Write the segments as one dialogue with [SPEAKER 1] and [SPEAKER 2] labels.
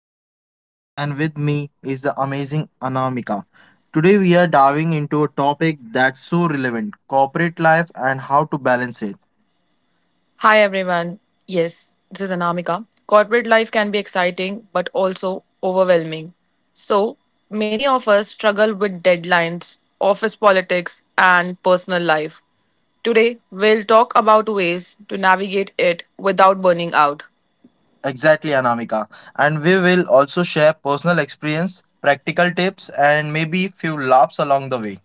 [SPEAKER 1] I'm Shushant and with me is the amazing Anamika. Today we are diving into a topic that's so relevant, corporate life and how to balance it.
[SPEAKER 2] Hi everyone. Yes, this is Anamika. Corporate life can be exciting but also overwhelming. So, many of us struggle with deadlines, office politics, and personal life. Today, we'll talk about ways to navigate it without burning out.
[SPEAKER 1] Exactly Anamika. And we will also share personal experience, practical tips and maybe few laughs along the way.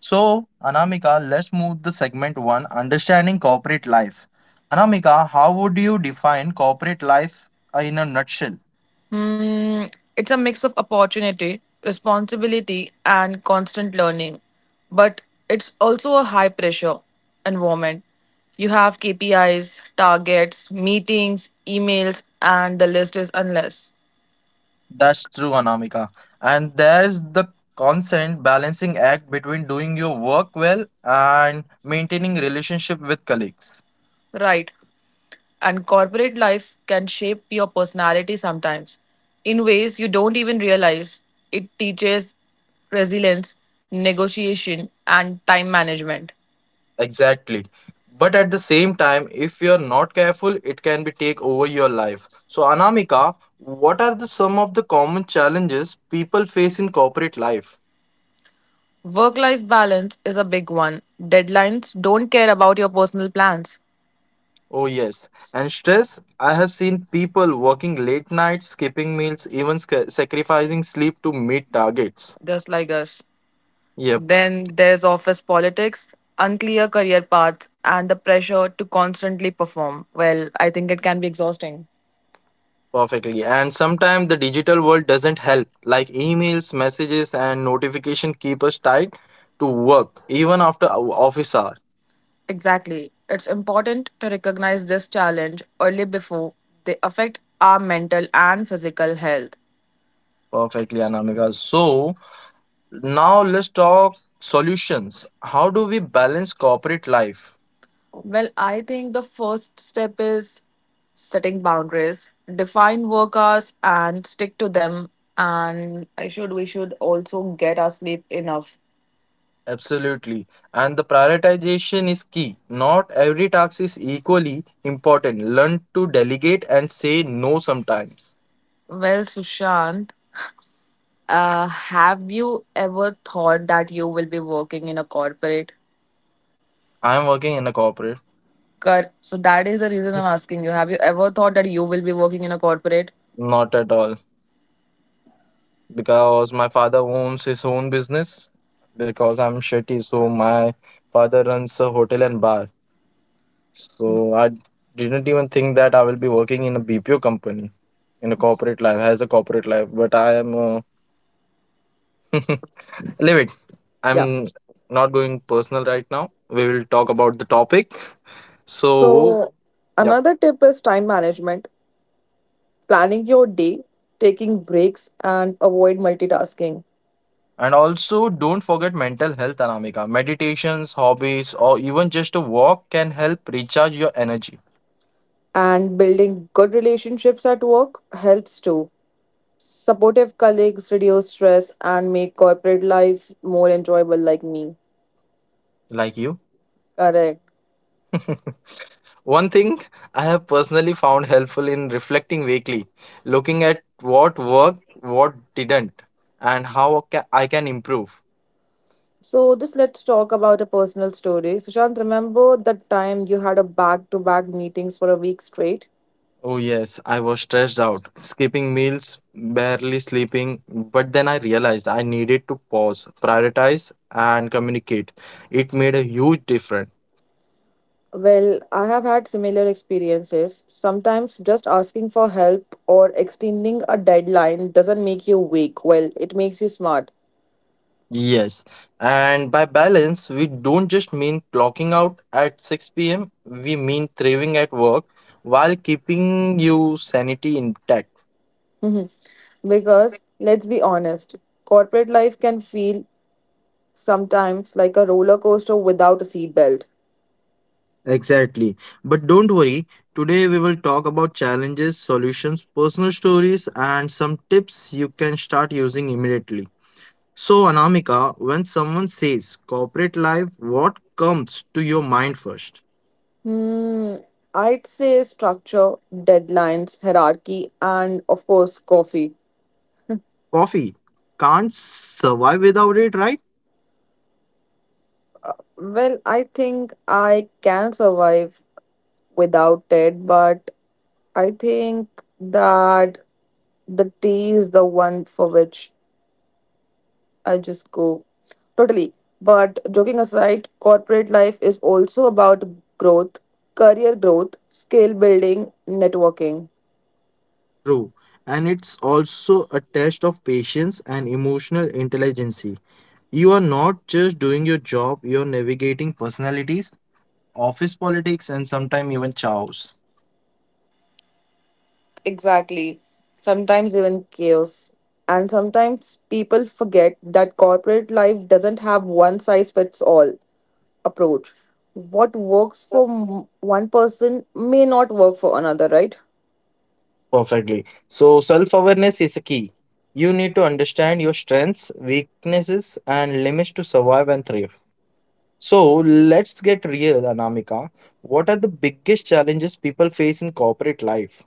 [SPEAKER 1] So, Anamika, let's move the segment 1 understanding corporate life. Anamika, how would you define corporate life in a nutshell?
[SPEAKER 2] It's a mix of opportunity, responsibility, and constant learning. But it's also a high pressure environment. You have KPIs, targets, meetings, emails, and the list is endless.
[SPEAKER 1] That's true, Anamika. And there's the constant balancing act between doing your work well and maintaining relationship with colleagues.
[SPEAKER 2] Right. And corporate life can shape your personality sometimes in ways you don't even realize. It teaches resilience, negotiation, and time management.
[SPEAKER 1] Exactly. But at the same time, if you're not careful, it can be take over your life. So, Anamika, what are the some of the common challenges people face in corporate life?
[SPEAKER 2] Work life balance is a big one. Deadlines don't care about your personal plans,
[SPEAKER 1] Oh yes, and stress. I have seen people working late nights, skipping meals, even sacrificing sleep to meet targets.
[SPEAKER 2] just like us.
[SPEAKER 1] Yep.
[SPEAKER 2] Then there's office politics, unclear career paths, and the pressure to constantly perform. Well, I think it can be exhausting.
[SPEAKER 1] Perfectly. And sometimes the digital world doesn't help, like emails, messages, and notification keep us tied to work even after our office hour.
[SPEAKER 2] Exactly. It's important to recognize this challenge early before they affect our mental and physical health.
[SPEAKER 1] Perfectly, Anamika. So now let's talk solutions. How do we balance corporate life?
[SPEAKER 2] Well, I think the first step is setting boundaries, define work hours and stick to them. And I should we should also get our sleep enough.
[SPEAKER 1] Absolutely. And the prioritization is key. Not every task is equally important. Learn to delegate and say no sometimes.
[SPEAKER 2] Well, Sushant, have you ever thought that you will be working in a corporate?
[SPEAKER 1] I'm working in a corporate.
[SPEAKER 2] So that is the reason I'm asking you. Have you ever thought that you will be working in a corporate?
[SPEAKER 1] Not at all. Because my father owns his own business, because I'm shetty, so my father runs a hotel and bar. So I didn't even think that I will be working in a BPO company in a corporate life as a corporate life, but I am uh, leave it.
[SPEAKER 2] Yeah.
[SPEAKER 1] I'm not going personal right now. We will talk about the topic. So
[SPEAKER 2] So,
[SPEAKER 1] yeah.
[SPEAKER 2] another tip is time management, planning your day, taking breaks, and avoid multitasking.
[SPEAKER 1] And also, don't forget mental health, Anamika. Meditations, hobbies, or even just a walk can help recharge your energy.
[SPEAKER 2] And building good relationships at work helps too. Supportive colleagues reduce stress and make corporate life more enjoyable, like me.
[SPEAKER 1] Like you?
[SPEAKER 2] Correct.
[SPEAKER 1] One thing I have personally found helpful in reflecting weekly, looking at what worked, what didn't, and how I can improve.
[SPEAKER 2] So, just let's talk about a personal story. Sushant, remember that time you had a back to back meetings for a week straight?
[SPEAKER 1] Oh, yes, I was stressed out, skipping meals, barely sleeping, but then I realized I needed to pause, prioritize, and communicate. It made a huge difference.
[SPEAKER 2] Well, I have had similar experiences. Sometimes just asking for help or extending a deadline doesn't make you weak. Well, it makes you smart.
[SPEAKER 1] Yes, and by balance, we don't just mean clocking out at 6 p.m., we mean thriving at work while keeping you sanity intact.
[SPEAKER 2] Mhm. Because let's be honest, corporate life can feel sometimes like a roller coaster without a seatbelt.
[SPEAKER 1] Exactly. But don't worry, today we will talk about challenges, solutions, personal stories, and some tips you can start using immediately. So, Anamika, when someone says corporate life, what comes to your mind first?
[SPEAKER 2] Hmm, I'd say structure, deadlines, hierarchy, and of course, coffee.
[SPEAKER 1] Coffee. Can't survive without it, right?
[SPEAKER 2] Well, I think I can survive without it, but I think that the tea is the one for which I just go. Totally. But joking aside, corporate life is also about growth, career growth, skill building, networking.
[SPEAKER 1] True. And it's also a test of patience and emotional intelligence. You are not just doing your job, you're navigating personalities, office politics, and sometimes even chaos.
[SPEAKER 2] Exactly. Sometimes even chaos. And sometimes people forget that corporate life doesn't have one size fits all approach. What works for m- one person may not work for another, right?
[SPEAKER 1] Perfectly. So, self awareness is a key. You need to understand your strengths, weaknesses, and limits to survive and thrive. So, let's get real, Anamika. What are the biggest challenges people face in corporate life?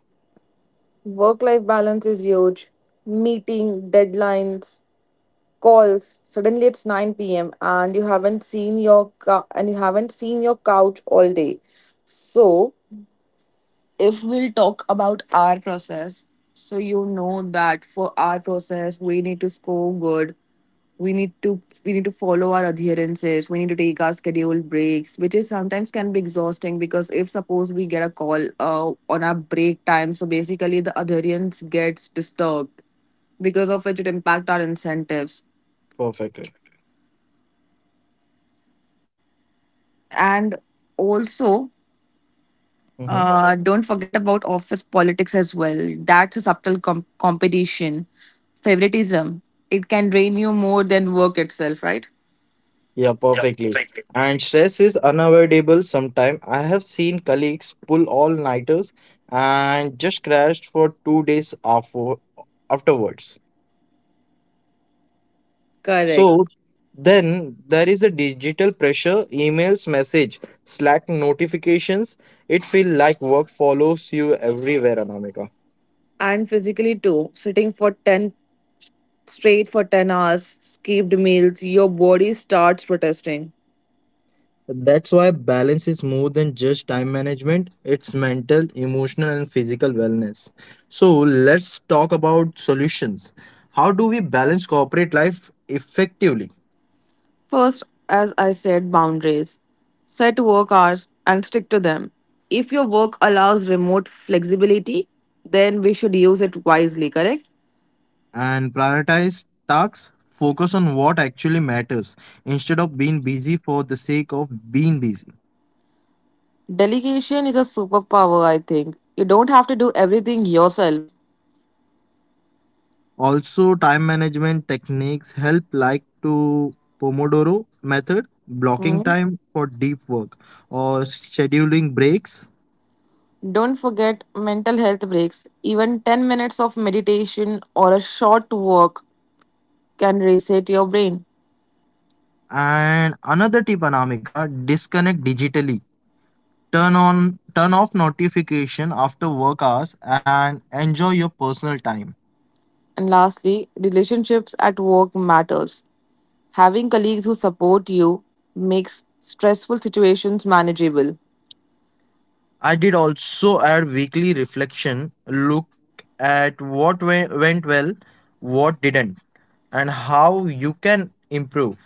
[SPEAKER 2] Work life balance is huge. Meeting, deadlines, calls suddenly it's 9 p.m. and you haven't seen your couch all day. So if we'll talk about our process, so you know that for our process we need to score good. We need to follow our adherences, we need to take our scheduled breaks, which is sometimes can be exhausting because if suppose we get a call on our break time, so basically the adherence gets disturbed because of which it impact our incentives.
[SPEAKER 1] Perfectly.
[SPEAKER 2] And also
[SPEAKER 1] Mm-hmm.
[SPEAKER 2] don't forget about office politics as well. That's a subtle competition, favoritism, it can drain you more than work itself, right?
[SPEAKER 1] Yeah, perfectly. And stress is unavoidable sometimes. I have seen colleagues pull all-nighters and just crashed for 2 days afterwards. So
[SPEAKER 2] Correct.
[SPEAKER 1] then there is a digital pressure, emails, message, Slack notifications. It feels like work follows you everywhere, Anamika.
[SPEAKER 2] And physically too, sitting for 10 hours, skipped meals, your body starts protesting.
[SPEAKER 1] That's why balance is more than just time management, it's mental, emotional, and physical wellness. So, let's talk about solutions. How do we balance corporate life effectively
[SPEAKER 2] First, as I said, boundaries. Set work hours and stick to them. If your work allows remote flexibility, then we should use it wisely, correct?
[SPEAKER 1] and prioritize tasks? Focus on what actually matters instead of being busy for the sake of being busy.
[SPEAKER 2] Delegation is a superpower, I think. You don't have to do everything yourself.
[SPEAKER 1] Also, time management techniques help, like to Pomodoro method, blocking
[SPEAKER 2] Mhm.
[SPEAKER 1] time for deep work, or scheduling breaks.
[SPEAKER 2] Don't forget mental health breaks. Even 10 minutes of meditation or a short walk can reset your brain.
[SPEAKER 1] And another tip, Anamika, disconnect digitally. Turn off notification after work hours and enjoy your personal time.
[SPEAKER 2] And lastly, relationships at work matters. Having colleagues who support you makes stressful situations manageable.
[SPEAKER 1] I did also add weekly reflection, look at what went well, what didn't, and how you can improve.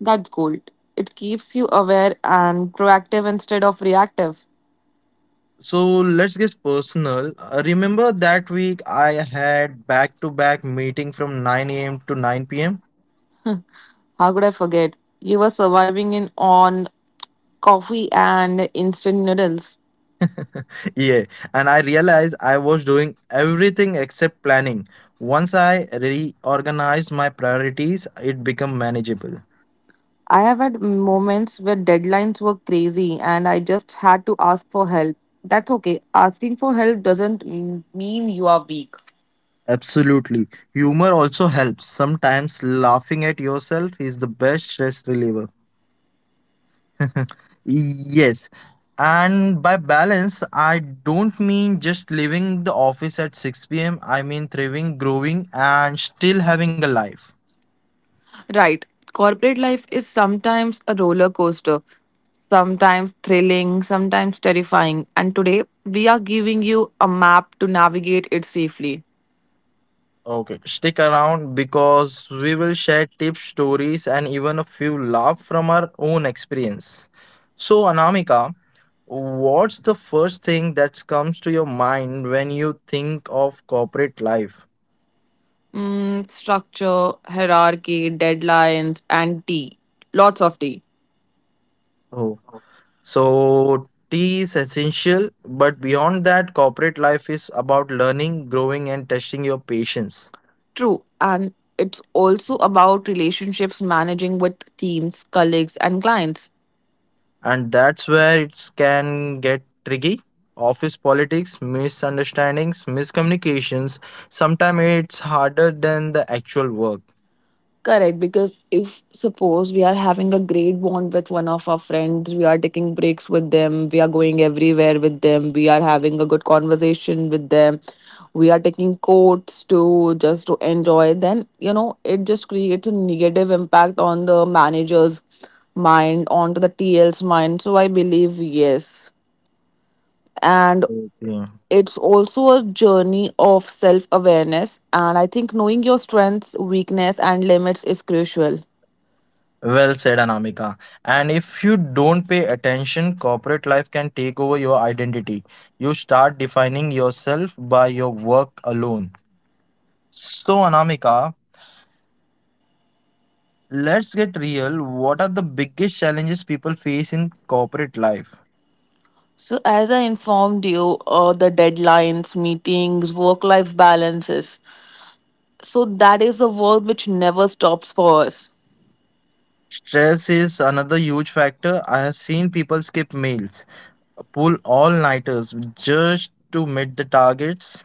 [SPEAKER 2] That's gold. It keeps you aware and proactive instead of reactive.
[SPEAKER 1] So let's get personal. Remember that week I had back to back meeting from 9 a.m. to 9 p.m.
[SPEAKER 2] How could I forget? You were surviving in on coffee and instant noodles.
[SPEAKER 1] Yeah, and I realized I was doing everything except planning. Once I reorganized my priorities, it became manageable.
[SPEAKER 2] I have had moments where deadlines were crazy and I just had to ask for help. That's okay. Asking for help doesn't mean you are weak.
[SPEAKER 1] Absolutely. Humor also helps. Sometimes laughing at yourself is the best stress reliever. Yes. And by balance, I don't mean just leaving the office at 6 pm. I mean thriving, growing, and still having a life.
[SPEAKER 2] Right. Corporate life is sometimes a roller coaster, sometimes thrilling, sometimes terrifying. And today, we are giving you a map to navigate it safely.
[SPEAKER 1] Okay, stick around because we will share tips, stories, and even a few laughs from our own experience. So, Anamika, what's the first thing that comes to your mind when you think of corporate life?
[SPEAKER 2] Structure, hierarchy, deadlines, and tea. Lots of tea.
[SPEAKER 1] Oh, so tea is essential, but beyond that, corporate life is about learning, growing, and testing your patience.
[SPEAKER 2] True. And it's also about relationships managing with teams, colleagues, and clients.
[SPEAKER 1] And that's where it can get tricky. Office politics, misunderstandings, miscommunications. Sometimes it's harder than the actual work.
[SPEAKER 2] Correct. Because if suppose we are having a great bond with one of our friends, we are taking breaks with them, we are going everywhere with them, we are having a good conversation with them, we are taking quotes to just to enjoy, then, it just creates a negative impact on the manager's mind, onto the TL's mind. So I believe, yes. And
[SPEAKER 1] Okay.
[SPEAKER 2] it's also a journey of self awareness. And I think knowing your strengths, weakness and limits is crucial.
[SPEAKER 1] Well said, Anamika. And if you don't pay attention, corporate life can take over your identity. You start defining yourself by your work alone. So, Anamika, let's get real. What are the biggest challenges people face in corporate life?
[SPEAKER 2] So as I informed you, the deadlines, meetings, work life balances, so that is a work which never stops for us.
[SPEAKER 1] Stress is another huge factor. I have seen people skip meals, pull all-nighters just to meet the targets.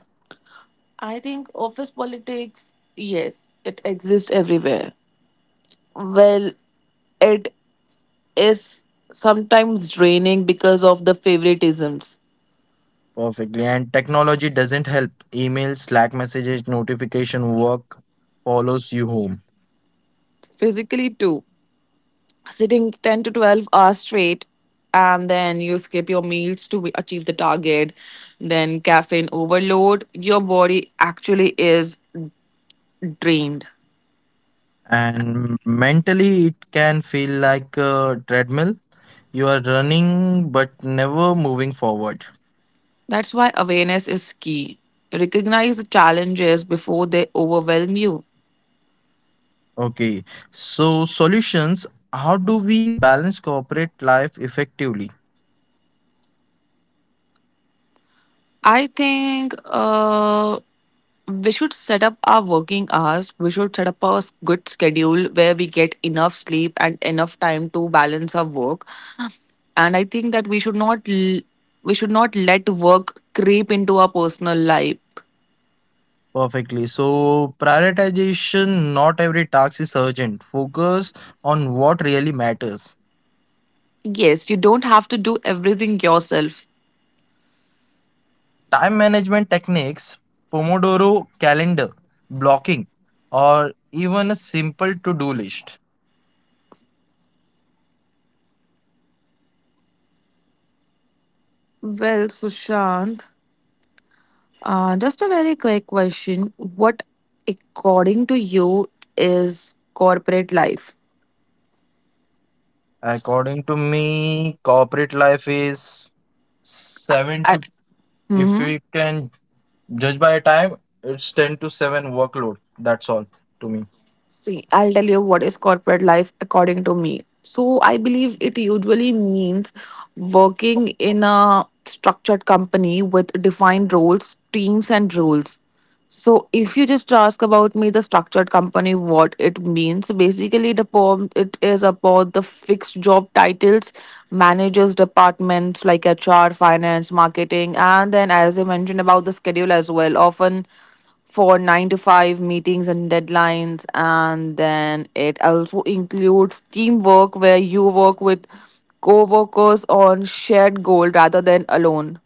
[SPEAKER 2] I think office politics, yes, it exists everywhere. Well, it is sometimes draining because of the favoritisms.
[SPEAKER 1] Perfectly, and technology doesn't help. Emails, Slack messages, notification work follows you home.
[SPEAKER 2] Physically too, sitting 10 to 12 hours straight and then you skip your meals to achieve the target, then caffeine overload, your body actually is drained.
[SPEAKER 1] And mentally, it can feel like a treadmill. You are running but never moving forward.
[SPEAKER 2] That's why awareness is key. Recognize the challenges before they overwhelm you.
[SPEAKER 1] Okay, so solutions. How do we balance corporate life effectively?
[SPEAKER 2] I think we should set up our working hours. We should set up a good schedule where we get enough sleep and enough time to balance our work. And I think that we should not let work creep into our personal life.
[SPEAKER 1] Perfectly. So, prioritization, not every task is urgent. Focus on what really matters.
[SPEAKER 2] Yes, you don't have to do everything yourself.
[SPEAKER 1] Time management techniques, Pomodoro calendar, blocking, or even a simple to do list.
[SPEAKER 2] Well, Sushant, just a very quick question. What, according to you, is corporate life?
[SPEAKER 1] According to me, corporate life is 7
[SPEAKER 2] I,
[SPEAKER 1] to, if
[SPEAKER 2] Mhm.
[SPEAKER 1] we can judge by time, it's 10 to 7 workload. That's all to me.
[SPEAKER 2] See, I'll tell you what is corporate life according to me. So, I believe it usually means working in a structured company with defined roles, teams, and rules. So, if you just ask about me, the structured company, what it means, basically, the poem it is about the fixed job titles, managers, departments like HR, finance, marketing, and then, as I mentioned, about the schedule as well. Often for nine to five meetings and deadlines. And then it also includes teamwork where you work with co workers on shared goal rather than alone.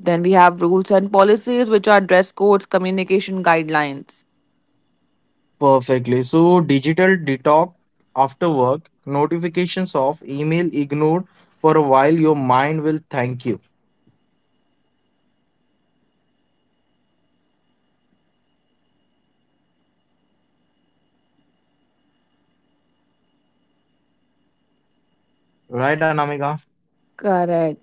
[SPEAKER 2] Then we have rules and policies, which are dress codes, communication guidelines.
[SPEAKER 1] Perfectly. So digital detox after work, notifications off, email ignored for a while, your mind will thank you. Right, Anamika?
[SPEAKER 2] Correct,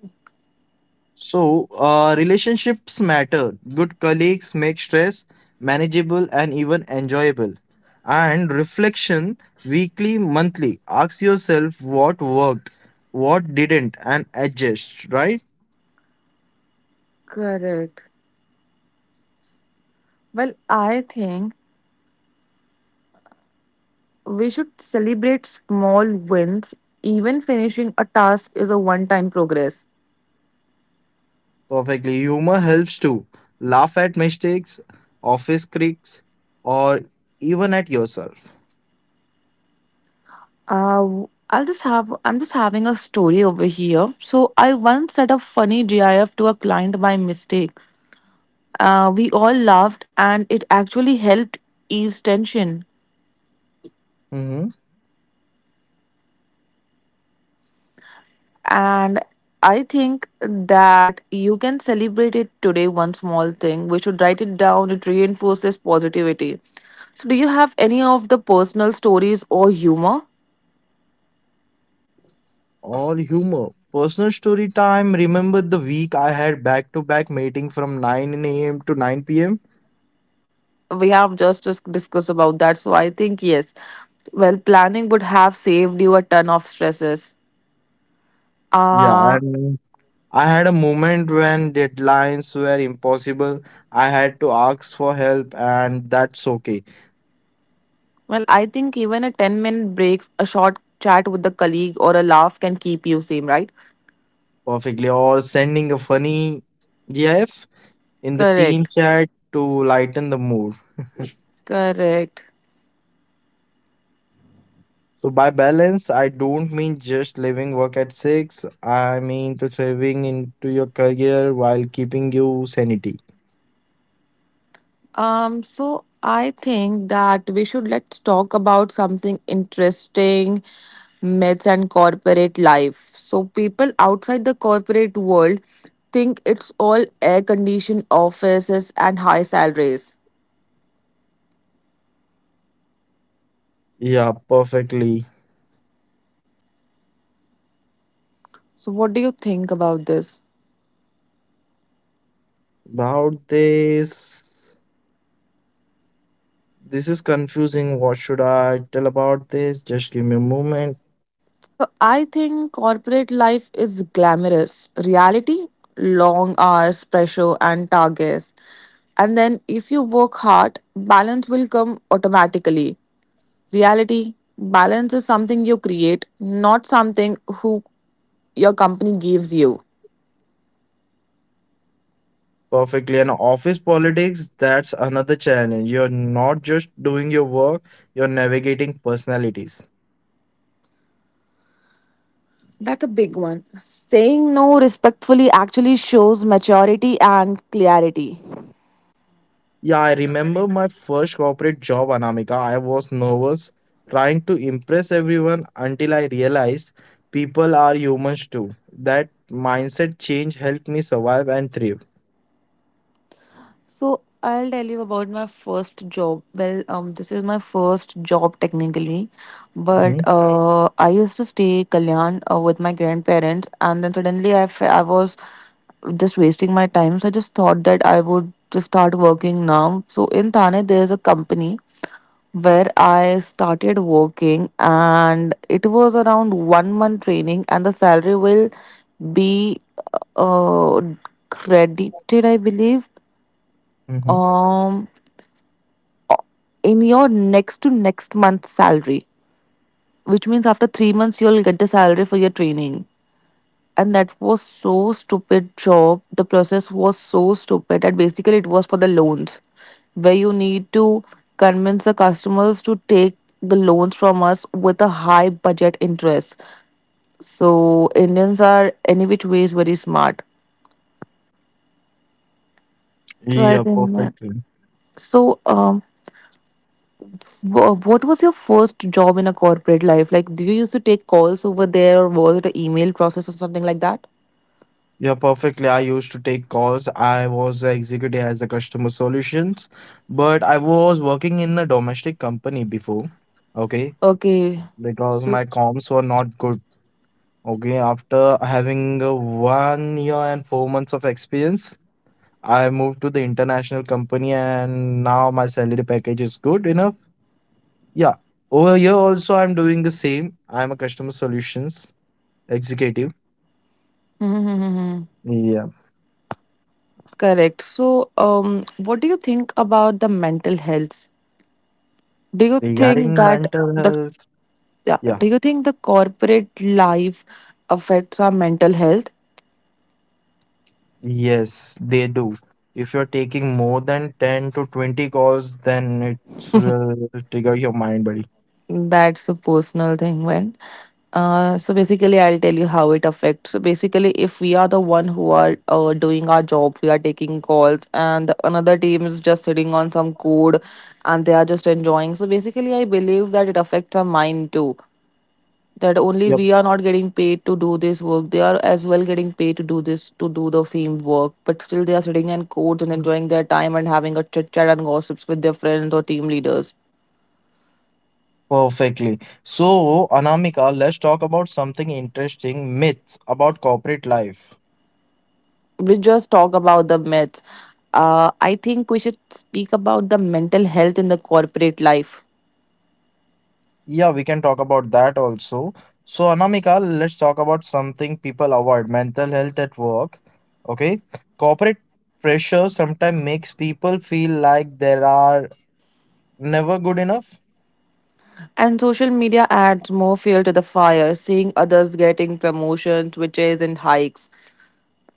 [SPEAKER 1] So, relationships matter. Good colleagues make stress manageable and even enjoyable. And reflection weekly, monthly. Ask yourself what worked, what didn't, and adjust, right?
[SPEAKER 2] correct. Well, I think we should celebrate small wins. Even finishing a task is a one time progress.
[SPEAKER 1] Perfectly. Humor helps too. Laugh at mistakes, office critics, or even at yourself.
[SPEAKER 2] Uh, I'm just having a story over here. So I once set a funny GIF to a client by mistake. We all laughed, and it actually helped ease tension.
[SPEAKER 1] Hmm.
[SPEAKER 2] And I think that you can celebrate it today. One small thing we should write it down. It reinforces positivity. So, do you have any of the personal stories or humor?
[SPEAKER 1] Or humor. Personal story time. Remember the week I had back to back meeting from 9 a.m. to 9 p.m.?
[SPEAKER 2] We have just discussed about that, so I think yes. Well, planning would have saved you a ton of stresses.
[SPEAKER 1] Yeah,
[SPEAKER 2] uh
[SPEAKER 1] and I had a moment when deadlines were impossible. I had to ask for help, and that's okay.
[SPEAKER 2] well, I think even a 10-minute breaks, a short chat with a colleague or a laugh can keep you sane, right?
[SPEAKER 1] Perfectly. Or sending a funny GIF in the team
[SPEAKER 2] Correct,
[SPEAKER 1] chat to lighten the mood.
[SPEAKER 2] correct.
[SPEAKER 1] So by balance, I don't mean just leaving work at six. I mean to thriving into your career while keeping you sanity.
[SPEAKER 2] So I think that we should let's talk about something interesting, myths and corporate life. So people outside the corporate world think it's all air conditioned offices and high salaries.
[SPEAKER 1] Yeah, perfectly.
[SPEAKER 2] So what do you think about this?
[SPEAKER 1] About this, this is confusing. What should I tell about this? Just give me a moment.
[SPEAKER 2] So I think corporate life is glamorous. Reality, long hours, pressure and targets. And then if you work hard, balance will come automatically. Reality, balance is something you create, not something who your company gives you.
[SPEAKER 1] Perfectly. And office politics, that's another challenge. You're not just doing your work, you're navigating personalities.
[SPEAKER 2] That's a big one. Saying no respectfully actually shows maturity and clarity.
[SPEAKER 1] Yeah, I remember my first corporate job, Anamika. I was nervous, trying to impress everyone until I realized people are humans too. That mindset change helped me survive and thrive.
[SPEAKER 2] So I'll tell you about my first job. Well, this is my first job technically, but
[SPEAKER 1] Hmm.
[SPEAKER 2] I used to stay Kalyan with my grandparents, and then suddenly I was just wasting my time. So I just thought that I would just start working now. So in Thane, there's a company where I started working and it was around 1 month training and the salary will be uh, credited, I believe,
[SPEAKER 1] Hmm.
[SPEAKER 2] um in your next to next month's salary, which means after 3 months you'll get the salary for your training. And that was so stupid job, the process was so stupid that basically it was for the loans where you need to convince the customers to take the loans from us with a high budget interest. So Indians are any which ways very smart. So I
[SPEAKER 1] Yeah,
[SPEAKER 2] think that.
[SPEAKER 1] perfectly.
[SPEAKER 2] So what was your first job in a corporate life? Like, do you used to take calls over there, or was it an email process or something like that?
[SPEAKER 1] Yeah, perfectly. I used to take calls. I was a executive as a customer solutions, but I was working in a domestic company before. Okay,
[SPEAKER 2] Okay.
[SPEAKER 1] because
[SPEAKER 2] So.
[SPEAKER 1] my comms were not good. Okay, after having 1 year and 4 months of experience, I moved to the international company and now my salary package is good enough. Yeah. Over here also I'm doing the same. I'm a customer solutions executive.
[SPEAKER 2] Mm-hmm.
[SPEAKER 1] Yeah.
[SPEAKER 2] Correct. So, what do you think about the mental health? Do you think
[SPEAKER 1] Regarding
[SPEAKER 2] that
[SPEAKER 1] mental
[SPEAKER 2] the
[SPEAKER 1] health,
[SPEAKER 2] Yeah.
[SPEAKER 1] yeah.
[SPEAKER 2] Do you think the corporate life affects our mental health?
[SPEAKER 1] Yes, they do. If you're taking more than 10 to 20 calls, then it will trigger your mind, buddy.
[SPEAKER 2] That's a personal thing, when. So basically, I'll tell you how it affects. So basically, if we are the one who are doing our job, we are taking calls, and another team is just sitting on some code, and they are just enjoying. So basically, I believe that it affects our mind too. That only
[SPEAKER 1] Your
[SPEAKER 2] we are not getting paid to do this work. They are as well getting paid to do this, to do the same work, but still they are sitting in courts and enjoying their time and having a chit chat and gossips with their friends or team leaders.
[SPEAKER 1] Perfectly. So, Anamika, let's talk about something interesting myths about corporate life.
[SPEAKER 2] We just talk about the myths. I think we should speak about the mental health in the corporate life.
[SPEAKER 1] Yeah, we can talk about that also. So, Anamika, let's talk about something people avoid mental health at work. Okay, corporate pressure sometimes makes people feel like they are never good enough.
[SPEAKER 2] And social media adds more fuel to the fire, seeing others getting promotions which and hikes.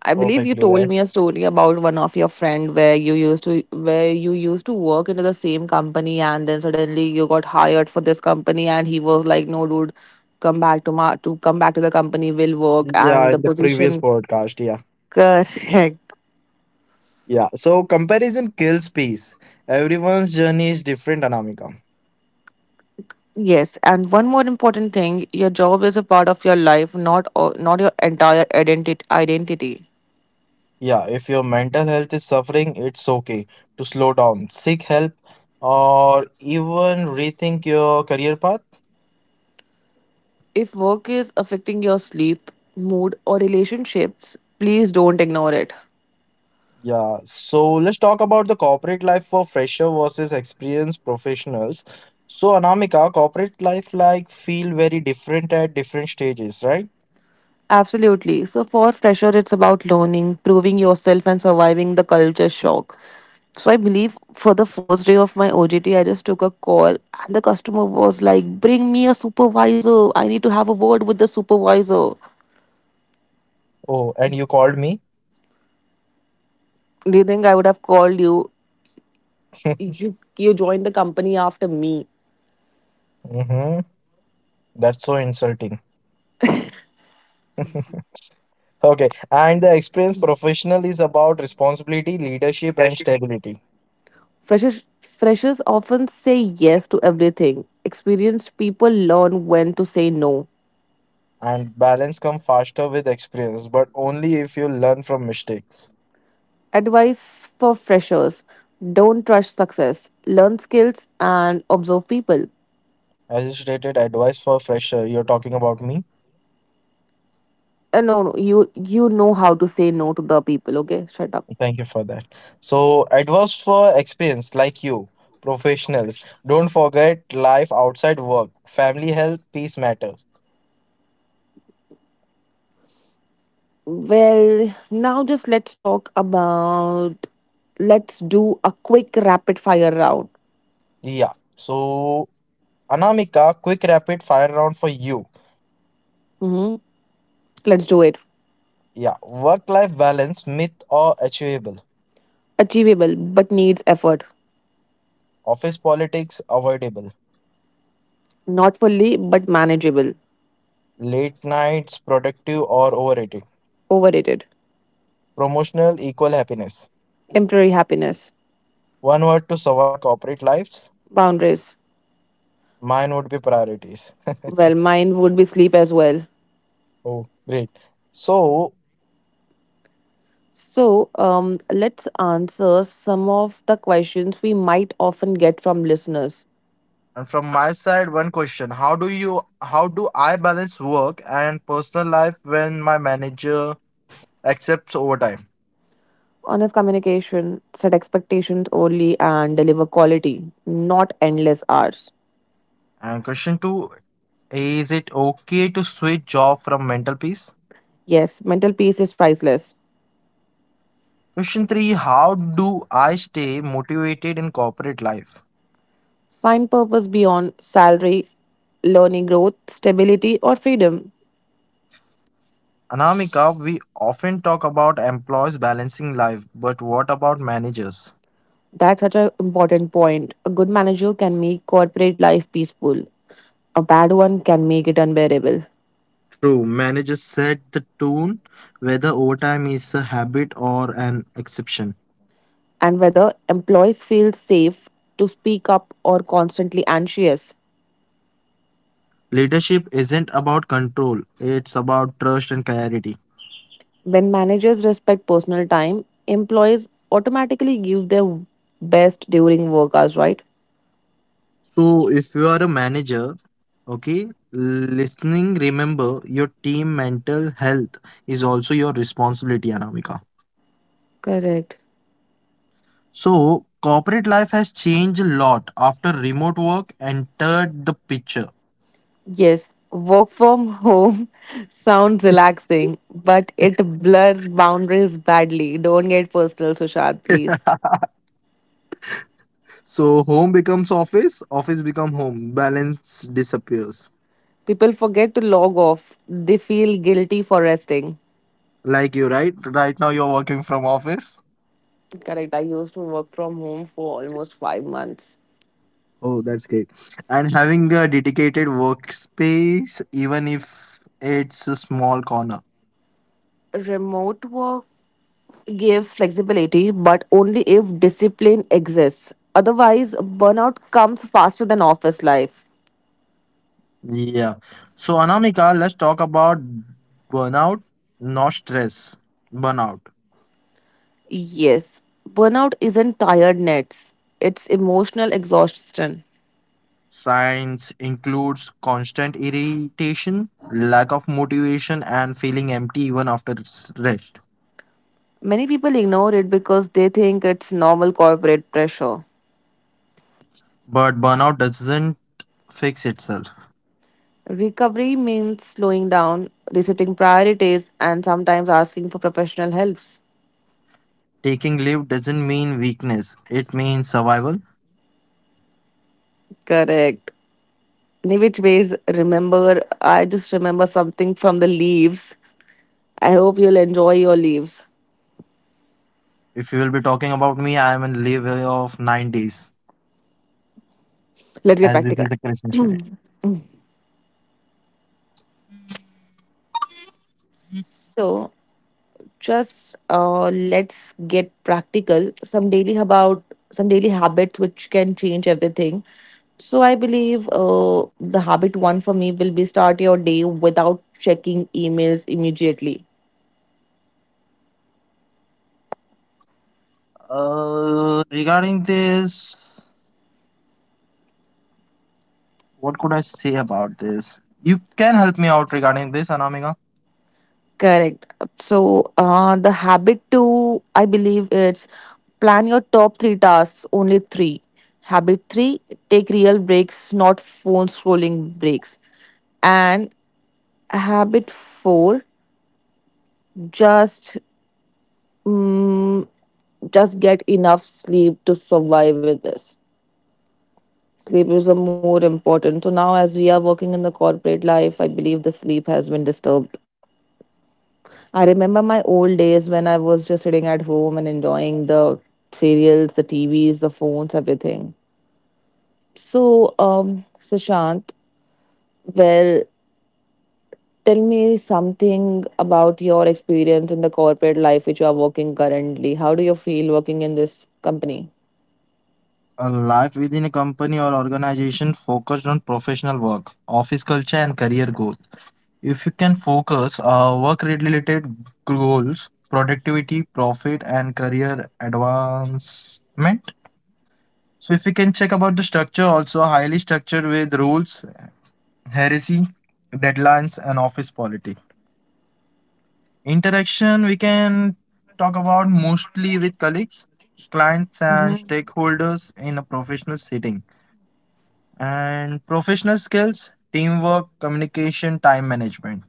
[SPEAKER 2] I believe you
[SPEAKER 1] Perfectly,
[SPEAKER 2] told
[SPEAKER 1] right?
[SPEAKER 2] me a story about one of your friend where you used to work into the same company, and then suddenly you got hired for this company, and he was like, "No, dude, come back to my to come back to the company. We'll work."
[SPEAKER 1] Yeah,
[SPEAKER 2] And
[SPEAKER 1] in
[SPEAKER 2] the
[SPEAKER 1] the previous
[SPEAKER 2] position,
[SPEAKER 1] podcast. Yeah,
[SPEAKER 2] correct.
[SPEAKER 1] yeah. So, comparison kills peace. Everyone's journey is different, Anamika.
[SPEAKER 2] Yes, and one more important thing, your job is a part of your life, not your entire identity.
[SPEAKER 1] Yeah, if your mental health is suffering, it's okay to slow down, seek help, or even rethink your career path.
[SPEAKER 2] If work is affecting your sleep, mood, or relationships, please don't ignore it.
[SPEAKER 1] Yeah, so let's talk about the corporate life for fresher versus experienced professionals. So, Anamika, corporate life like feel very different at different stages, right?
[SPEAKER 2] Absolutely. So for fresher, it's about learning, proving yourself, and surviving the culture shock. So I believe for the first day of my OJT, I just took a call, and the customer was like, "Bring me a supervisor. I need to have a word with the supervisor."
[SPEAKER 1] Oh, and you called me?
[SPEAKER 2] Do you think I would have called you? You joined the company after me.
[SPEAKER 1] Mm-hmm. That's so insulting. Okay, and the experienced professional is about responsibility, leadership, and stability.
[SPEAKER 2] Freshers freshers often say yes to everything. Experienced people learn when to say no.
[SPEAKER 1] And balance come faster with experience, but only if you learn from mistakes.
[SPEAKER 2] Advice for freshers, don't rush success, learn skills and observe people.
[SPEAKER 1] As you stated, advice for fresher, you're talking about me.
[SPEAKER 2] And no, no, you know how to say no to the people, okay? Shut up.
[SPEAKER 1] Thank you for that. So, advice for experienced like you, professionals. Don't forget life outside work, family health, peace matters.
[SPEAKER 2] Well, now just let's talk about let's do a quick rapid fire round.
[SPEAKER 1] Yeah. So, Anamika, quick rapid fire round for you.
[SPEAKER 2] Hmm. Let's do it.
[SPEAKER 1] Yeah. Work life balance, myth or achievable?
[SPEAKER 2] Achievable but needs effort.
[SPEAKER 1] Office politics, avoidable.
[SPEAKER 2] Not fully but manageable.
[SPEAKER 1] Late nights, productive or overrated?
[SPEAKER 2] Overrated.
[SPEAKER 1] Promotional equal happiness.
[SPEAKER 2] Temporary happiness.
[SPEAKER 1] One word to survive corporate lives.
[SPEAKER 2] Boundaries.
[SPEAKER 1] Mine would be priorities.
[SPEAKER 2] Well, mine would be sleep as well.
[SPEAKER 1] Oh, great. So,
[SPEAKER 2] So, let's answer some of the questions we might often get from listeners.
[SPEAKER 1] and from my side, one question. How do I balance work and personal life when my manager accepts overtime?
[SPEAKER 2] Honest communication, set expectations only, and deliver quality, not endless hours.
[SPEAKER 1] And question two, is it okay to switch job from mental peace?
[SPEAKER 2] Yes, mental peace is priceless.
[SPEAKER 1] Question three, how do I stay motivated in corporate life?
[SPEAKER 2] Find purpose beyond salary, learning growth, stability, or freedom.
[SPEAKER 1] Anamika, we often talk about employees balancing life, but what about managers?
[SPEAKER 2] That's such an important point. A good manager can make corporate life peaceful, a bad one can make it unbearable.
[SPEAKER 1] True, managers set the tone whether overtime is a habit or an exception.
[SPEAKER 2] And whether employees feel safe to speak up or constantly anxious.
[SPEAKER 1] Leadership isn't about control, it's about trust and clarity.
[SPEAKER 2] When managers respect personal time, employees automatically give their best during work hours, right?
[SPEAKER 1] So, if you are a manager, okay, listening, remember your team mental health is also your responsibility, Anamika.
[SPEAKER 2] Correct.
[SPEAKER 1] So, corporate life has changed a lot after remote work entered the picture.
[SPEAKER 2] Yes, work from home sounds relaxing, but it blurs boundaries badly. Don't get personal, Sushant, please.
[SPEAKER 1] So home becomes office, office become home. Balance disappears.
[SPEAKER 2] People forget to log off. They feel guilty for resting.
[SPEAKER 1] Like you, right? Right now you're working from office.
[SPEAKER 2] Correct. I used to work from home for almost 5 months.
[SPEAKER 1] Oh, that's great. And having a dedicated workspace, even if it's a small corner.
[SPEAKER 2] Remote work gives flexibility, but only if discipline exists. Otherwise, burnout comes faster than office life.
[SPEAKER 1] Yeah. So Anamika, let's talk about burnout, not stress. Burnout.
[SPEAKER 2] Yes, burnout isn't tiredness, it's emotional exhaustion.
[SPEAKER 1] Science includes constant irritation, lack of motivation, and feeling empty even after rest.
[SPEAKER 2] Many people ignore it because they think it's normal corporate pressure.
[SPEAKER 1] But burnout doesn't fix itself.
[SPEAKER 2] Recovery means slowing down, resetting priorities, and sometimes asking for professional helps.
[SPEAKER 1] Taking leave doesn't mean weakness, it means survival.
[SPEAKER 2] Correct. In which ways, remember, I just remember something from the leaves. I hope you'll enjoy your leaves.
[SPEAKER 1] If you will be talking about me, I am in leave of 9 days
[SPEAKER 2] Let's get
[SPEAKER 1] as this
[SPEAKER 2] practical.
[SPEAKER 1] is a Christmas period.
[SPEAKER 2] So just let's get practical. Some daily habits which can change everything. So I believe the habit one for me will be start your day without checking emails immediately.
[SPEAKER 1] Regarding this, what could I say about this? You can help me out regarding this, Anamika.
[SPEAKER 2] Correct. So the habit two, I believe it's plan your top 3 tasks, only 3. Habit three, take real breaks, not phone scrolling breaks. And habit four, just mm, just get enough sleep to survive with this. Sleep is a more important. So now as we are working in the corporate life, I believe the sleep has been disturbed. I remember my old days when I was just sitting at home and enjoying the serials, the tvs, the phones, everything. So Sushant, well, tell me something about your experience in the corporate life which you are working currently. How do you feel working in this company?
[SPEAKER 1] A life within a company or organization focused on professional work, office culture, and career growth. If you can focus work-related goals, productivity, profit, and career advancement. So, if you can check about the structure, also highly structured with rules, heresy, deadlines, and office politics. Interaction we can talk about mostly with colleagues, clients, and
[SPEAKER 2] Mhm.
[SPEAKER 1] stakeholders in a professional setting. And professional skills, teamwork, communication, time management.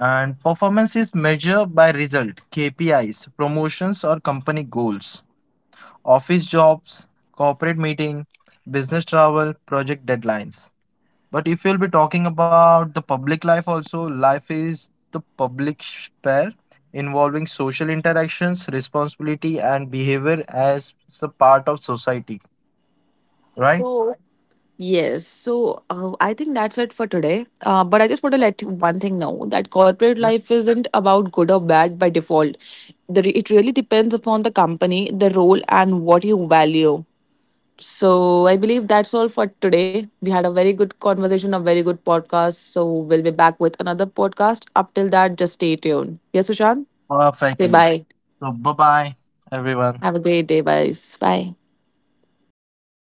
[SPEAKER 1] And performance is measured by result, KPIs, promotions, or company goals, office jobs, corporate meeting, business travel, project deadlines. But if we'll be talking about the public life also, life is the public sphere involving social interactions, responsibility, and behavior as a part of society, right?
[SPEAKER 2] Yes, so I think that's it for today. But I just want to let you one thing know that corporate
[SPEAKER 1] Yep.
[SPEAKER 2] life isn't about good or bad by default. It really depends upon the company, the role, and what you value. So I believe that's all for today. We had a very good conversation, a very good podcast. So we'll be back with another podcast. Up till that, just stay tuned. Yes, Sushant? Say
[SPEAKER 1] Perfectly.
[SPEAKER 2] bye.
[SPEAKER 1] So, bye bye, everyone.
[SPEAKER 2] Have a great day. Bye. Bye.